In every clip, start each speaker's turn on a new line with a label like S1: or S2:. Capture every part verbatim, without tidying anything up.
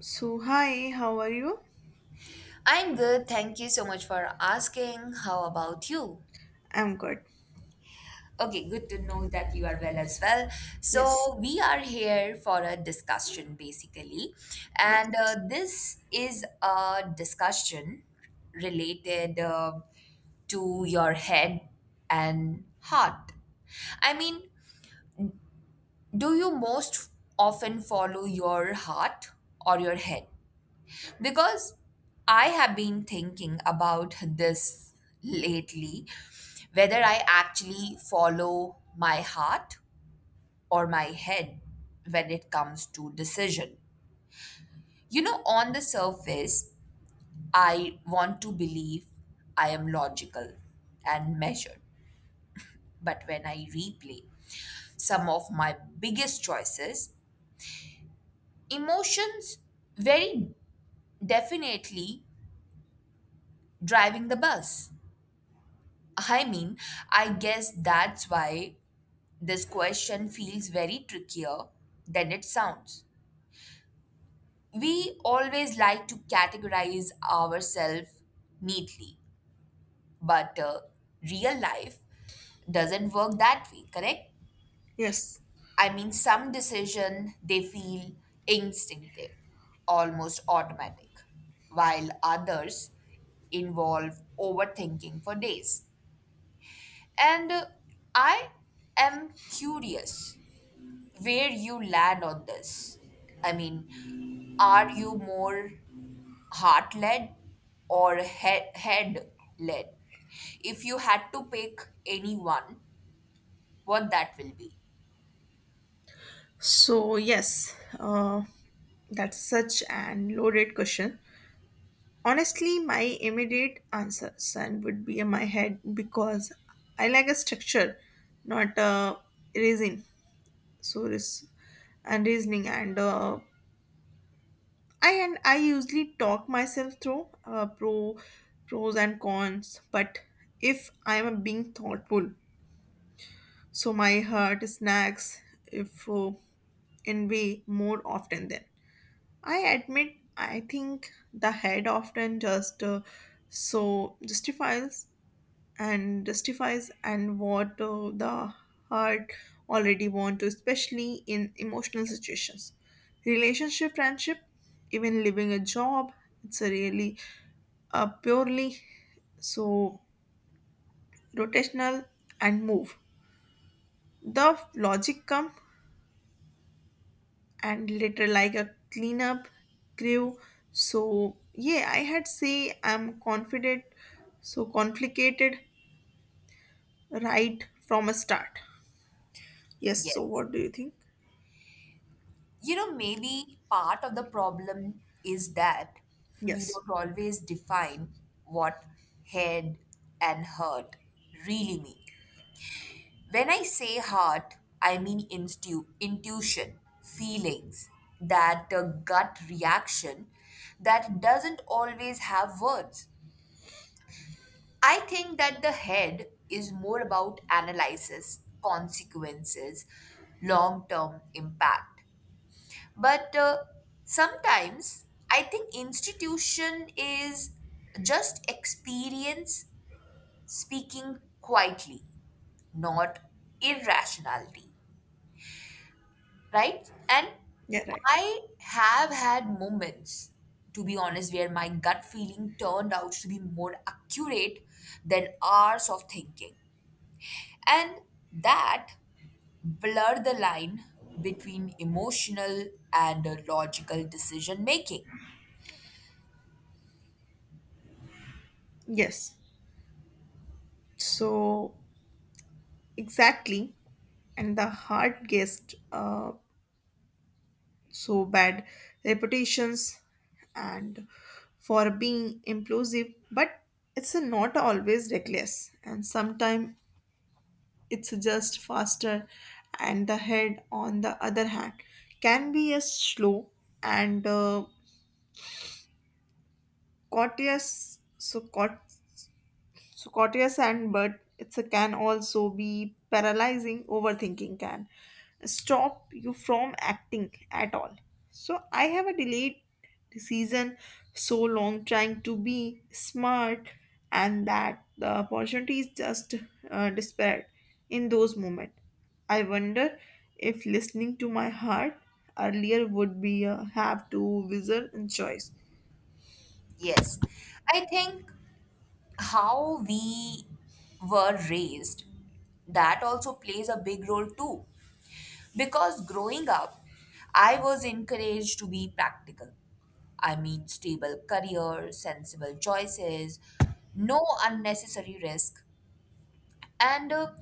S1: So, hi, how are you?
S2: I'm good. Thank you so much for asking. How about you?
S1: I'm good.
S2: Okay, good to know that you are well as well. So,
S1: Yes,
S2: we are here for a discussion basically, and uh,
S1: yes,
S2: this is a discussion related uh, to your head and heart. I mean, do you most often follow your heart or your head? Because I have been thinking about this lately whether I actually follow my heart or my head when it comes to decision. You know, on the surface, I want to believe I am logical and measured. But when I replay some of my biggest choices, emotions very definitely driving the bus. I mean, I guess that's why this question feels very trickier than it sounds. We always like to categorize ourselves neatly, but uh, real life doesn't work that way, correct?
S1: yes.
S2: I mean, some decision they feel instinctive, almost automatic, while others involve overthinking for days. And uh, I am curious where you land on this. I mean, are you more heart led or head head led? If you had to pick anyone, what that will be?
S1: So, yes, uh, that's such an loaded question. Honestly, my immediate answer son would be in my head because I like a structure, not a reason. So, this and reasoning, and uh, I and I usually talk myself through uh, pro, pros and cons. But if I'm being thoughtful. So my heart snags if uh, envy more often than. I admit, I think the head often just uh, so justifies and justifies and what uh, the heart already want to, especially in emotional situations, relationship, friendship, even leaving a job. It's a really uh, purely so rotational and move. The logic come and later like a cleanup crew. So yeah, I had say I'm confident, so complicated right from a start. Yes, so
S2: Yes.
S1: what do you think?
S2: You know, maybe part of the problem is that we
S1: Yes.
S2: don't always define what head and heart really mean. When I say heart, I mean instu- intuition, feelings, that uh, gut reaction that doesn't always have words. I think that the head is more about analysis, consequences, long term impact. But uh, Sometimes I think institution is just experience speaking quietly, not irrationality. Right? And
S1: Yeah, right.
S2: I have had moments, to be honest, where my gut feeling turned out to be more accurate than hours of thinking. And that blurred the line between emotional and uh, logical decision making.
S1: Yes, so exactly. And the hard guest uh, so bad reputations and for being implosive, but it's not always reckless and sometimes it's just faster. And the head on the other hand can be a slow and uh, courteous, so caught so courteous. And but it's a can also be paralyzing. Overthinking can stop you from acting at all. So I have a delayed decision so long trying to be smart and that the opportunity is just uh, despair in those moments. I wonder if listening to my heart earlier would be a have to wizard and choice.
S2: Yes, I think how we were raised that also plays a big role too because growing up I was encouraged to be practical. I mean, stable career, sensible choices, no unnecessary risk, and uh,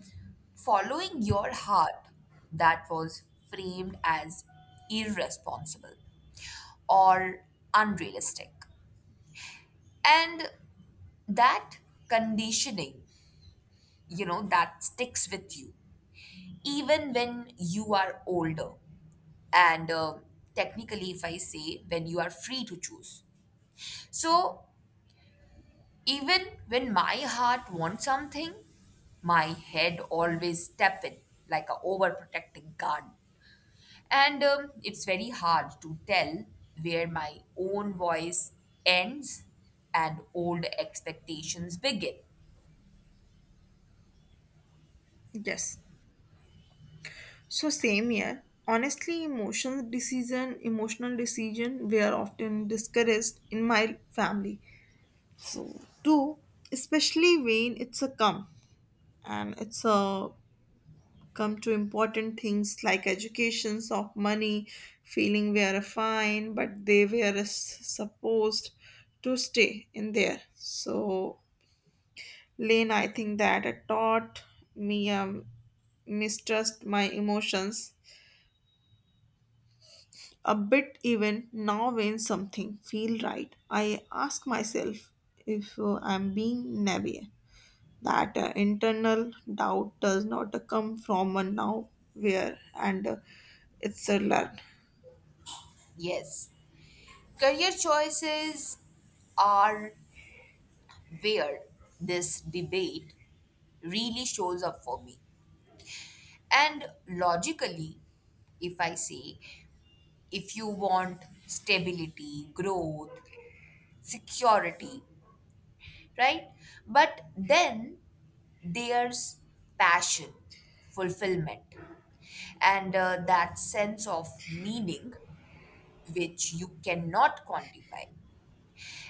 S2: following your heart, that was framed as irresponsible or unrealistic. And that conditioning, you know, that sticks with you even when you are older, and um technically if I say when you are free to choose, so even when my heart wants something, my head always step in like a overprotective guard. And um, It's very hard to tell where my own voice ends and old expectations begin.
S1: Yes. So same here. Honestly, emotional decision, emotional decision were often discouraged in my family. So too, especially when it's a come and it's a come to important things like educations of money, feeling we are fine, but they were s- supposed to stay in there. So Lane, I think that it taught me um, mistrust my emotions a bit. Even now when something feel right, I ask myself if uh, I'm being naive. That uh, internal doubt does not uh, come from a now where, and uh, it's a learn.
S2: Yes, career choices are where this debate really shows up for me. And logically, if I say, if you want stability, growth, security, right? But then there's passion, fulfillment, and uh, that sense of meaning which you cannot quantify.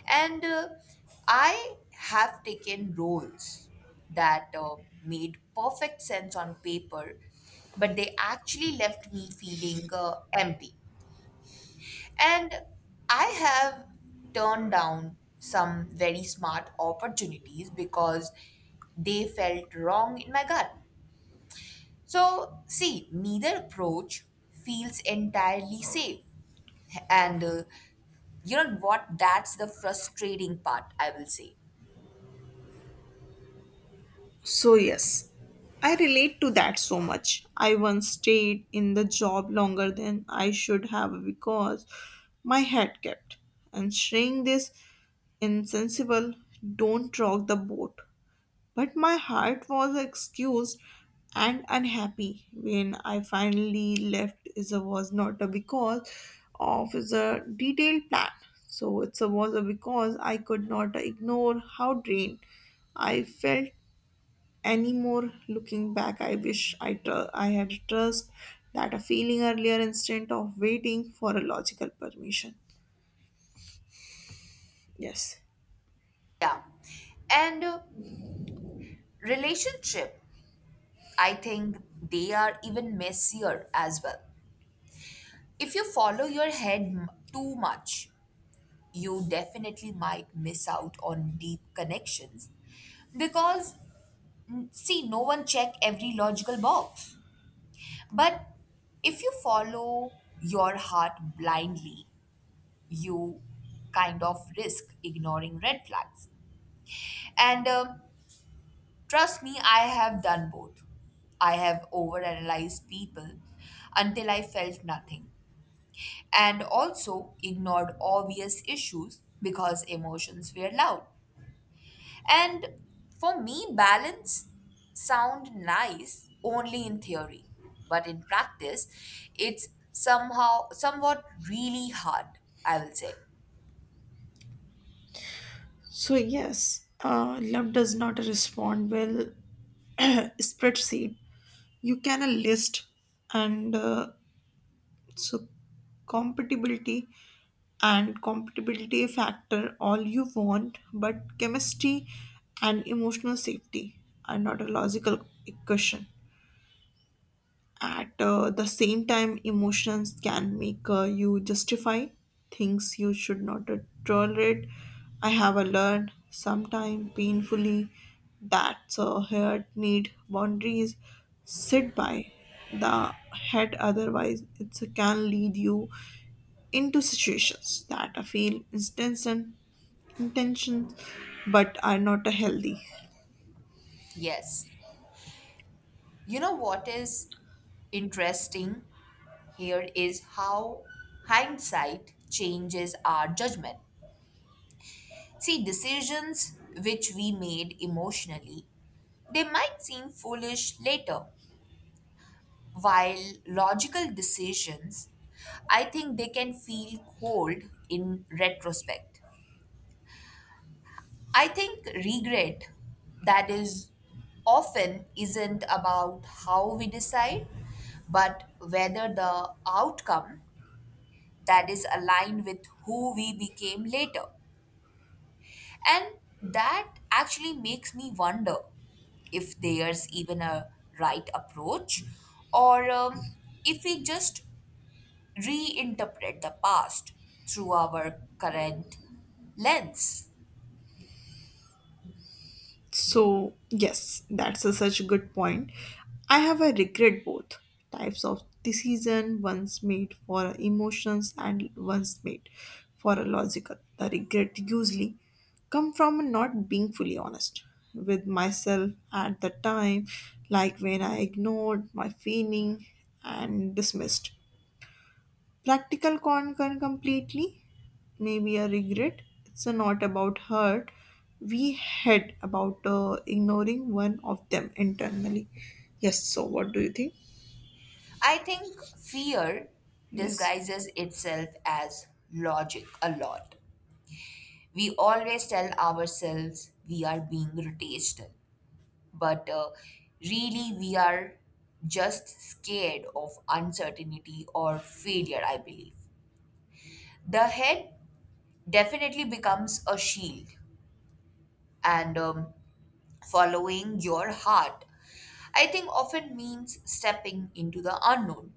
S2: And uh, I have taken roles that uh, made perfect sense on paper, but they actually left me feeling uh, empty. And I have turned down some very smart opportunities because they felt wrong in my gut. So, see, neither approach feels entirely safe. And uh, You know what? That's the frustrating part, I will say.
S1: So yes, I relate to that so much. I once stayed in the job longer than I should have because my head kept and saying this insensible, don't rock the boat. But my heart was excused and unhappy when I finally left. It was not a because of the detailed plan. So it was a because I could not ignore how drained I felt anymore. Looking back, I wish I tr- I had trust that a feeling earlier instead of waiting for a logical permission. Yes.
S2: Yeah. And uh, Relationship, I think they are even messier as well. If you follow your head m- too much, you definitely might miss out on deep connections because mm, see no one check every logical box. But if you follow your heart blindly, you kind of risk ignoring red flags. And um Trust me, I have done both. I have overanalyzed people until I felt nothing, and also ignored obvious issues because emotions were loud. And for me, balance sound nice only in theory, but in practice, it's somehow somewhat really hard, I will say.
S1: So yes, uh, love does not respond well. Spreadsheet you can uh, list and uh, so compatibility and compatibility factor all you want, but chemistry and emotional safety are not a logical equation. At uh, the same time, emotions can make uh, you justify things you should not uh, tolerate. I have uh, learned sometime painfully that uh, hurt need boundaries set by the head, otherwise it can lead you into situations that uh, feel instance and intention but are not uh, healthy.
S2: Yes. You know what is interesting? Here is how hindsight changes our judgment. See, decisions which we made emotionally, they might seem foolish later, while logical decisions, I think they can feel cold in retrospect. I think regret that is often isn't about how we decide, but whether the outcome that is aligned with who we became later. And that actually makes me wonder if there's even a right approach or um, if we just reinterpret the past through our current lens.
S1: So, yes, that's a such a good point. I have a regret both types of decision, one's made for emotions and one's made for a logical. The regret usually come from not being fully honest with myself at the time, like when I ignored my feeling and dismissed practical concern completely, maybe a regret. It's not about hurt. We had about uh, ignoring one of them internally. Yes. So, what do you think?
S2: I think fear
S1: Yes.
S2: disguises itself as logic a lot. We always tell ourselves we are being rotational but uh, really we are just scared of uncertainty or failure. I believe the head definitely becomes a shield and um, following your heart, I think, often means stepping into the unknown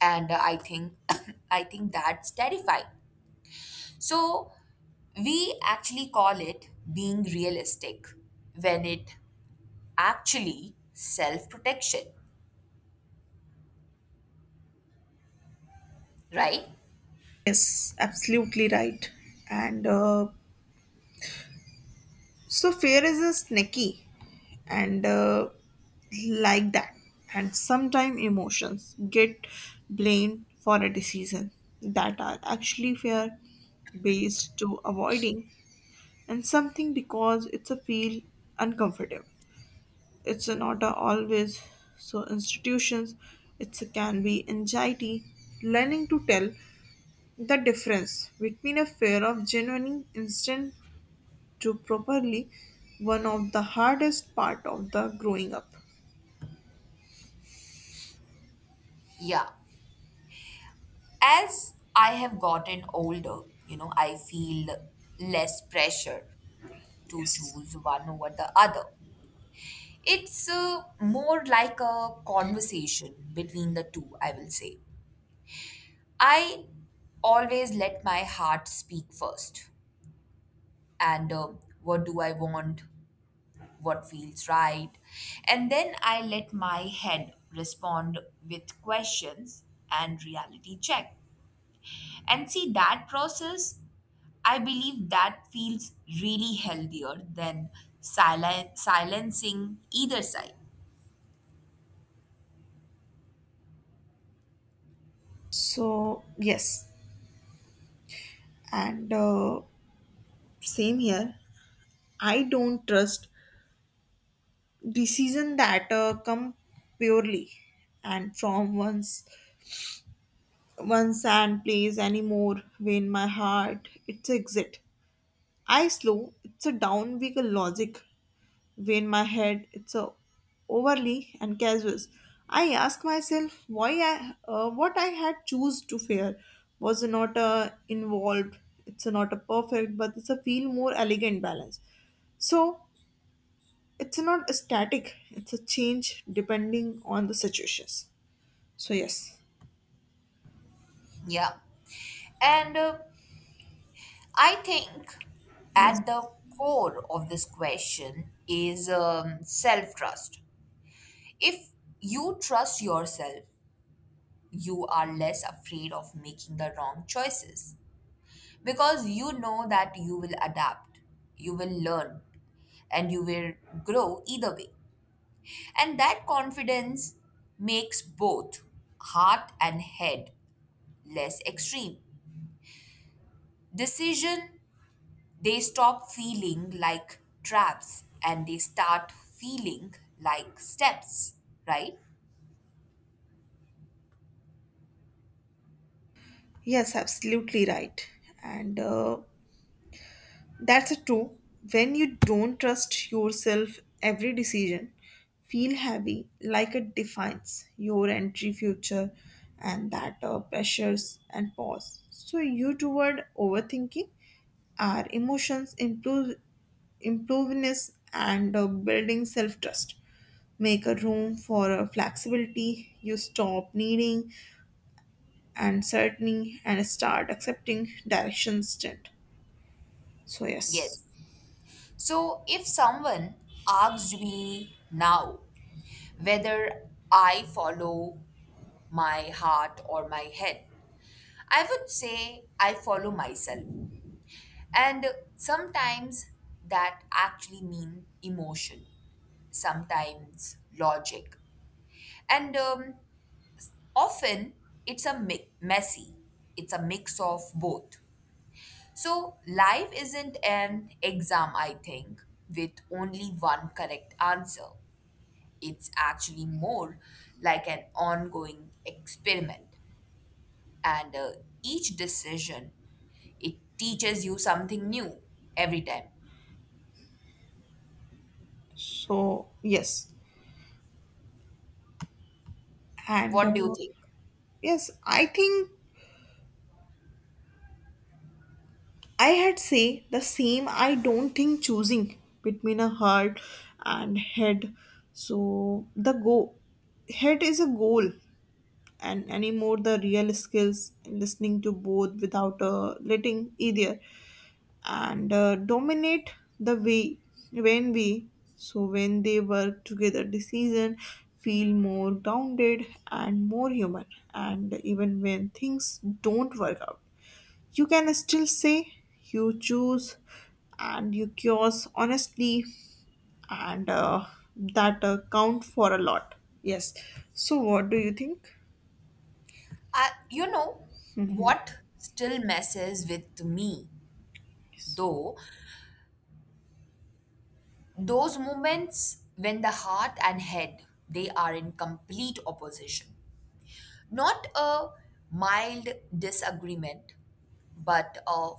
S2: and uh, I think I think that's terrifying. So we actually call it being realistic when it actually self protection, right?
S1: Yes, absolutely right. And uh, so fear is a snacky and uh, like that. And sometimes emotions get blamed for a decision that are actually fear based to avoiding and something because it's a feel uncomfortable. It's a not a always so institutions. It's a can be anxiety. Learning to tell the difference between a fear of genuine instant to properly one of the hardest part of the growing up.
S2: Yeah. As I have gotten older, you know, I feel less pressure to
S1: Yes.
S2: choose one over the other. It's uh, more like a conversation between the two, I will say. I always let my heart speak first. And uh, What do I want? What feels right? And then I let my head respond with questions and reality check. And see that process, I believe that feels really healthier than silen- silencing either side.
S1: So yes, and uh, same here. I don't trust decision that uh, come purely and from one's one sand plays anymore. Vein my heart, it's exit. I slow, it's a down week logic. Vein my head, it's a overly and casual. I ask myself why I, uh, what I had choose to fear was not a involved. It's not a perfect, but it's a feel more elegant balance. So it's not a static. It's a change depending on the situations. So yes,
S2: Yeah. And uh, I think
S1: yes.
S2: at the core of this question is um, self trust. If you trust yourself, you are less afraid of making the wrong choices because you know that you will adapt, you will learn, and you will grow either way. And that confidence makes both heart and head less extreme. Decision, they stop feeling like traps and they start feeling like steps, right?
S1: Yes, absolutely right. And uh, That's a true. When you don't trust yourself, every decision feel heavy, like it defines your entry future, and that uh, pressures and pause. So you toward overthinking our emotions, improve improvenness, and uh, building self trust. Make a room for uh, flexibility. You stop needing and certain and start accepting direction instead. So yes.
S2: Yes. So if someone asks me now whether I follow my heart or my head, I would say I follow myself. And sometimes that actually mean emotion, sometimes logic. And um, Often it's a mi- messy, it's a mix of both. So life isn't an exam, I think, with only one correct answer. It's actually more like an ongoing experiment. And uh, Each decision, it teaches you something new every time.
S1: So yes. And
S2: What do you
S1: uh,
S2: think?
S1: yes, I think I had say the same. I don't think choosing between a heart and head. So the go head is a goal, and anymore the real skills in listening to both without uh, letting either and uh, dominate the way. When we So when they work together, decision feel more grounded and more human. And even when things don't work out, you can still say you choose and you cures honestly, and uh, that uh, count for a lot. Yes. So what do you think?
S2: Uh, you know what still messes with me though? Those moments when the heart and head they are in complete opposition, not a mild disagreement but a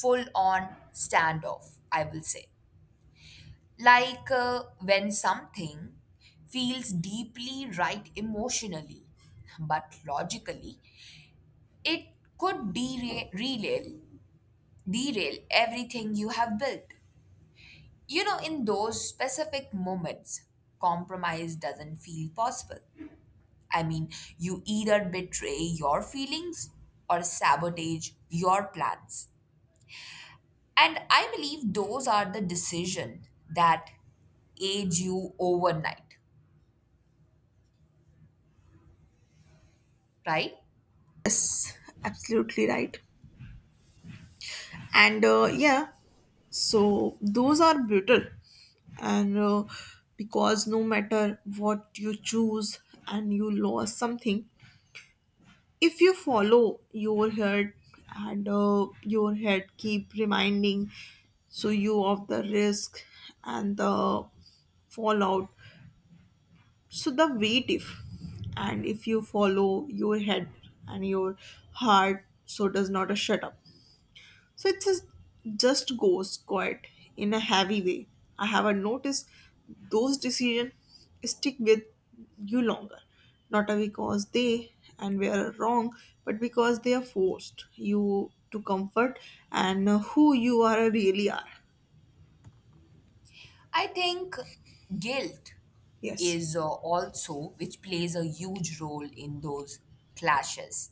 S2: full on standoff, I will say. Like uh, when something feels deeply right emotionally but logically it could dera- derail derail everything you have built. You know, in those specific moments, compromise doesn't feel possible. I mean, you either betray your feelings or sabotage your plans. And I believe those are the decision that age you overnight, right?
S1: Yes, absolutely right. And uh, yeah, so those are brutal. And uh, because no matter what you choose and you lose something, if you follow your head and uh, your head keep reminding so you of the risk and the fallout, so the weight. If and if you follow your head and your heart, so does not uh, shut up. So it just just goes quiet in a heavy way. I haven't noticed those decisions stick with you longer. Not because they and were wrong, but because they are forced you to comfort and who you are really are.
S2: I think guilt
S1: Yes.
S2: is uh, also which plays a huge role in those clashes,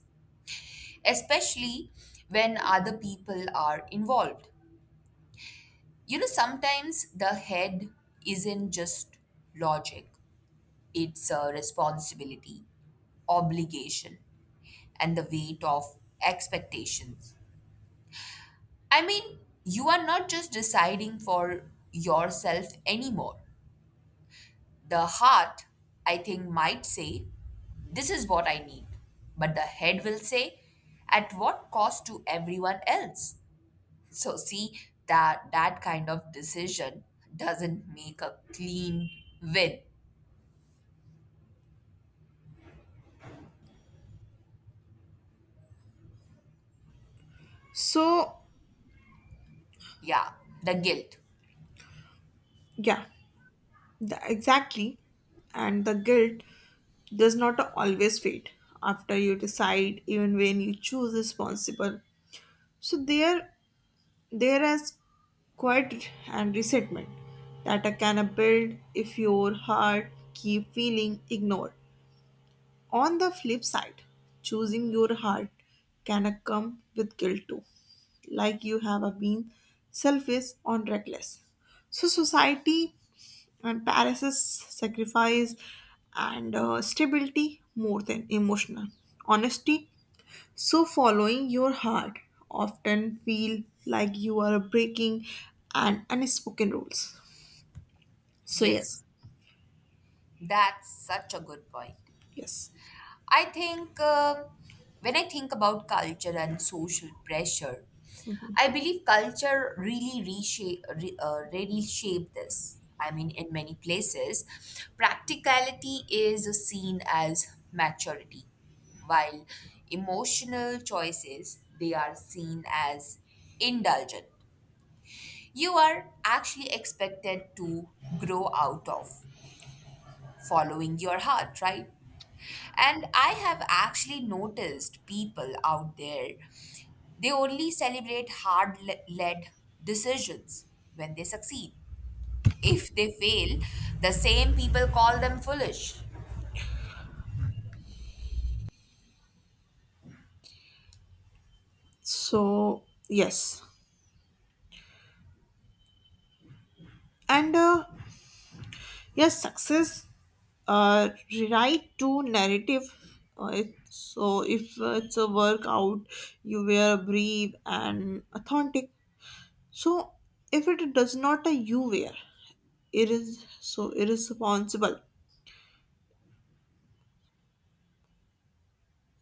S2: especially when other people are involved. You know, sometimes the head isn't just logic, it's a responsibility, obligation, and the weight of expectations. I mean, you are not just deciding for yourself anymore. The heart, I think, might say, "This is what I need." But the head will say, "At what cost to everyone else?" So see that that kind of decision doesn't make a clean win.
S1: So
S2: Yeah, the guilt.
S1: yeah, the, exactly. And the guilt does not always fade after you decide, even when you choose responsible. So there There is quiet and resentment that I can build if your heart keep feeling ignored. On the flip side, choosing your heart can come with guilt too, like you have been selfish or reckless. So society and embarrasses sacrifice and uh, stability more than emotional honesty, so, following your heart often feel like you are breaking an unspoken rules. So yes,
S2: Yes, that's such a good point.
S1: yes.
S2: I think um when I think about culture and social pressure,
S1: Mhm.
S2: I believe culture really reshape, re, uh, really shape this. I mean, in many places, practicality is seen as maturity, while emotional choices they are seen as indulgent. You are actually expected to grow out of following your heart, right? And I have actually noticed people out there, they only celebrate hard le- led decisions when they succeed. If they fail, the same people call them foolish.
S1: So yes, and uh, yes, success uh, rewrite to narrative. Uh, it- so if uh, it's a workout, you wear brave and authentic. So if it does not, uh, you wear it is so irresponsible.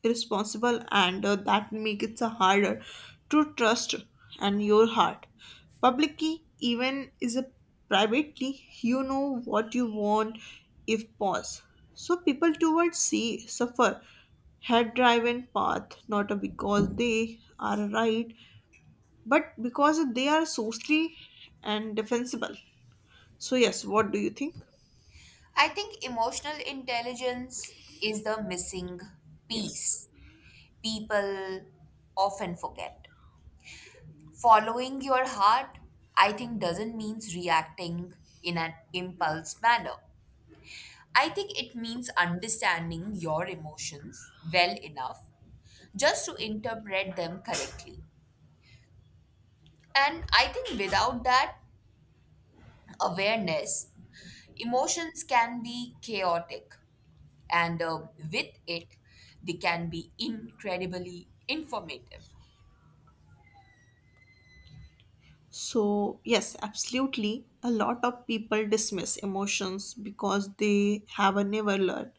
S1: irresponsible, and uh, that make it so harder to trust and your heart publicly even is a privately, you know what you want. If pause, so people towards sea suffer head driven path, not because they are right but because they are socially and defensible. So yes, what do you think?
S2: I think emotional intelligence is the missing
S1: Yes.
S2: piece people often forget. Following your heart, I think, doesn't mean reacting in an impulse manner. I think it means understanding your emotions well enough just to interpret them correctly. And I think without that awareness, emotions can be chaotic, and um, with it, they can be incredibly informative.
S1: So, yes, absolutely. A lot of people dismiss emotions because they have never learned.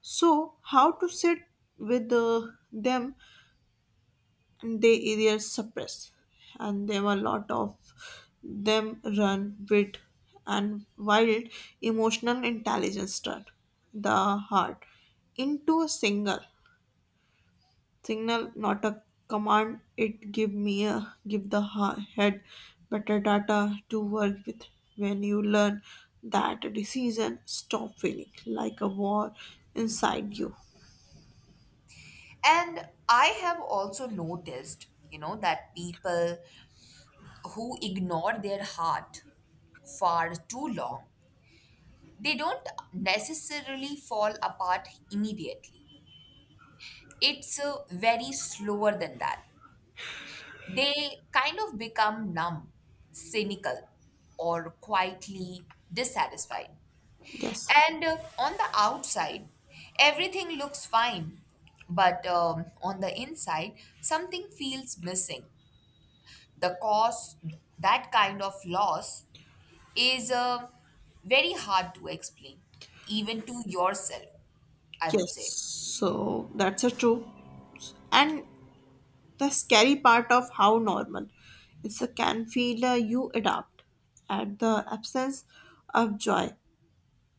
S1: So, how to sit with uh, them, they either suppress, and there were a lot of them run with and wild. Emotional intelligence turn the heart into a single signal, not a command. It give me a give the ha- head better data to work with. When you learn that, a decision stop feeling like a war inside you.
S2: And I have also noticed, you know, that people who ignore their heart far too long, they don't necessarily fall apart immediately. It's uh, very slower than that. They kind of become numb, cynical, or quietly dissatisfied.
S1: Yes.
S2: And uh, On the outside, everything looks fine, but um, on the inside, something feels missing. The cause, that kind of loss, is uh, very hard to explain, even to yourself, I would
S1: Yes,
S2: say.
S1: so that's a true. And the scary part of how normal it's a can feel, uh, you adapt at the absence of joy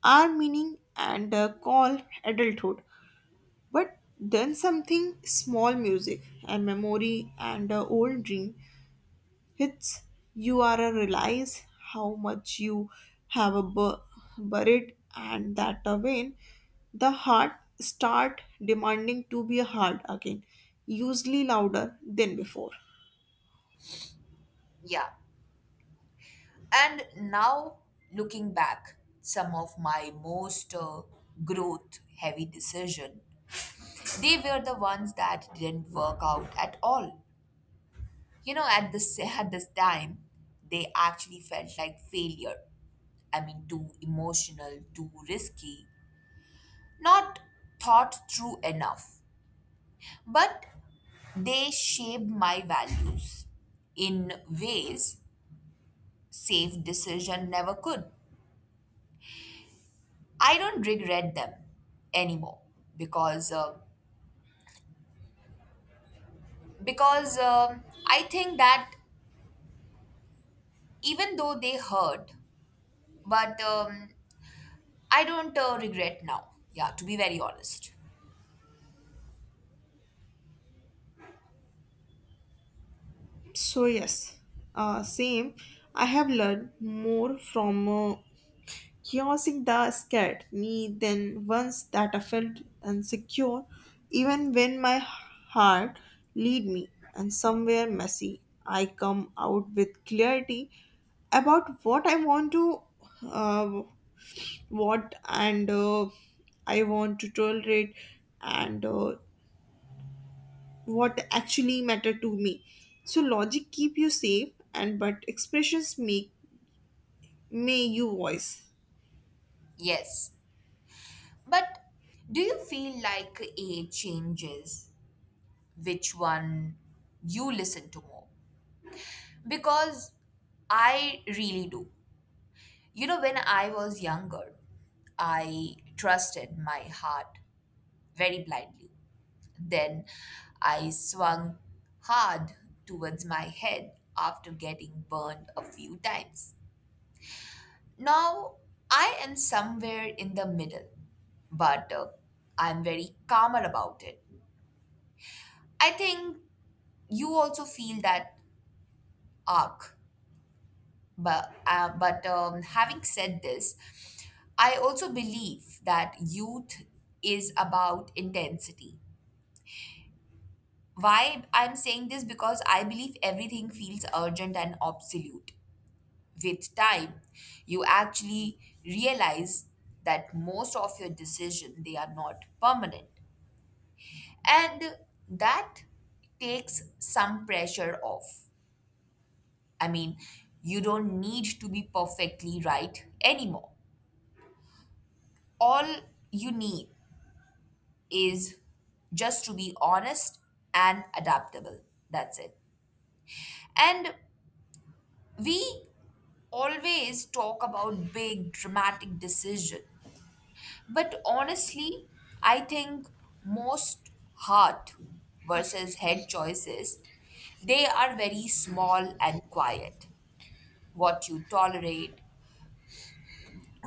S1: our meaning, and uh, call adulthood. But then something small, music, a memory, and an old dream hits. You are a realize how much you have a bu- buried, and that a vein, the heart start demanding to be heard again, usually louder than before.
S2: Yeah. And now, looking back, some of my most uh, growth heavy decision, they were the ones that didn't work out at all. You know, at this at this time, they actually felt like failure. I mean, too emotional, too risky, not thought through enough. But they shaped my values in ways safe decision never could. I don't regret them anymore because uh, because um I think that even though they hurt, but um, I don't uh, regret now. Yeah, to be very honest.
S1: So yes, uh, same. I have learned more from uh, crossing the scared me then once that I felt insecure. Even when my heart lead me and somewhere messy, I come out with clarity about what I want to, uh, what and uh, I want to tolerate, and uh, what actually matter to me. So logic keep you safe, and but expressions make may you voice.
S2: Yes, but do you feel like age changes which one you listen to more? Because I really do. You know, when I was younger, I trusted my heart very blindly. Then I swung hard towards my head after getting burned a few times. Now I am somewhere in the middle, but uh, I'm very calmer about it. I think you also feel that arc, but uh, but um, having said this, I also believe that youth is about intensity. Why I'm saying this because I believe everything feels urgent and absolute. With time, you actually realize that most of your decision they are not permanent. And that takes some pressure off. I mean, you don't need to be perfectly right anymore. All you need is just to be honest and adaptable. That's it. And we always talk about big dramatic decision. But honestly, I think most heart versus head choices, they are very small and quiet. What you tolerate,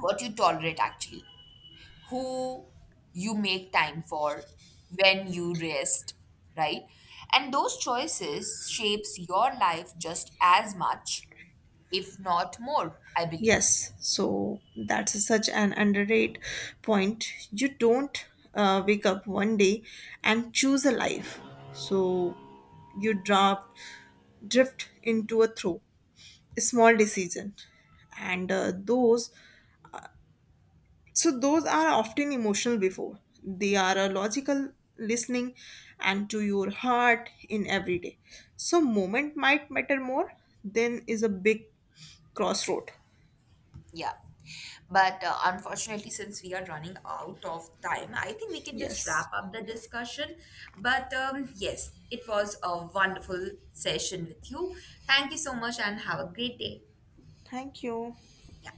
S2: what you tolerate actually, who you make time for, when you rest, right? And those choices shapes your life just as much, if not more, I believe.
S1: Yes, so that's such an underrated point. You don't uh, wake up one day and choose a life. So you draft, drift into a throw, a small decision, and uh, those. So those are often emotional before. They are a logical listening and to your heart in every day. So moment might matter more than is a big crossroad.
S2: Yeah. But uh, unfortunately, since we are running out of time, I think we can just
S1: Yes.
S2: wrap up the discussion. But um, yes, it was a wonderful session with you. Thank you so much and have a great day.
S1: Thank you.
S2: Yeah.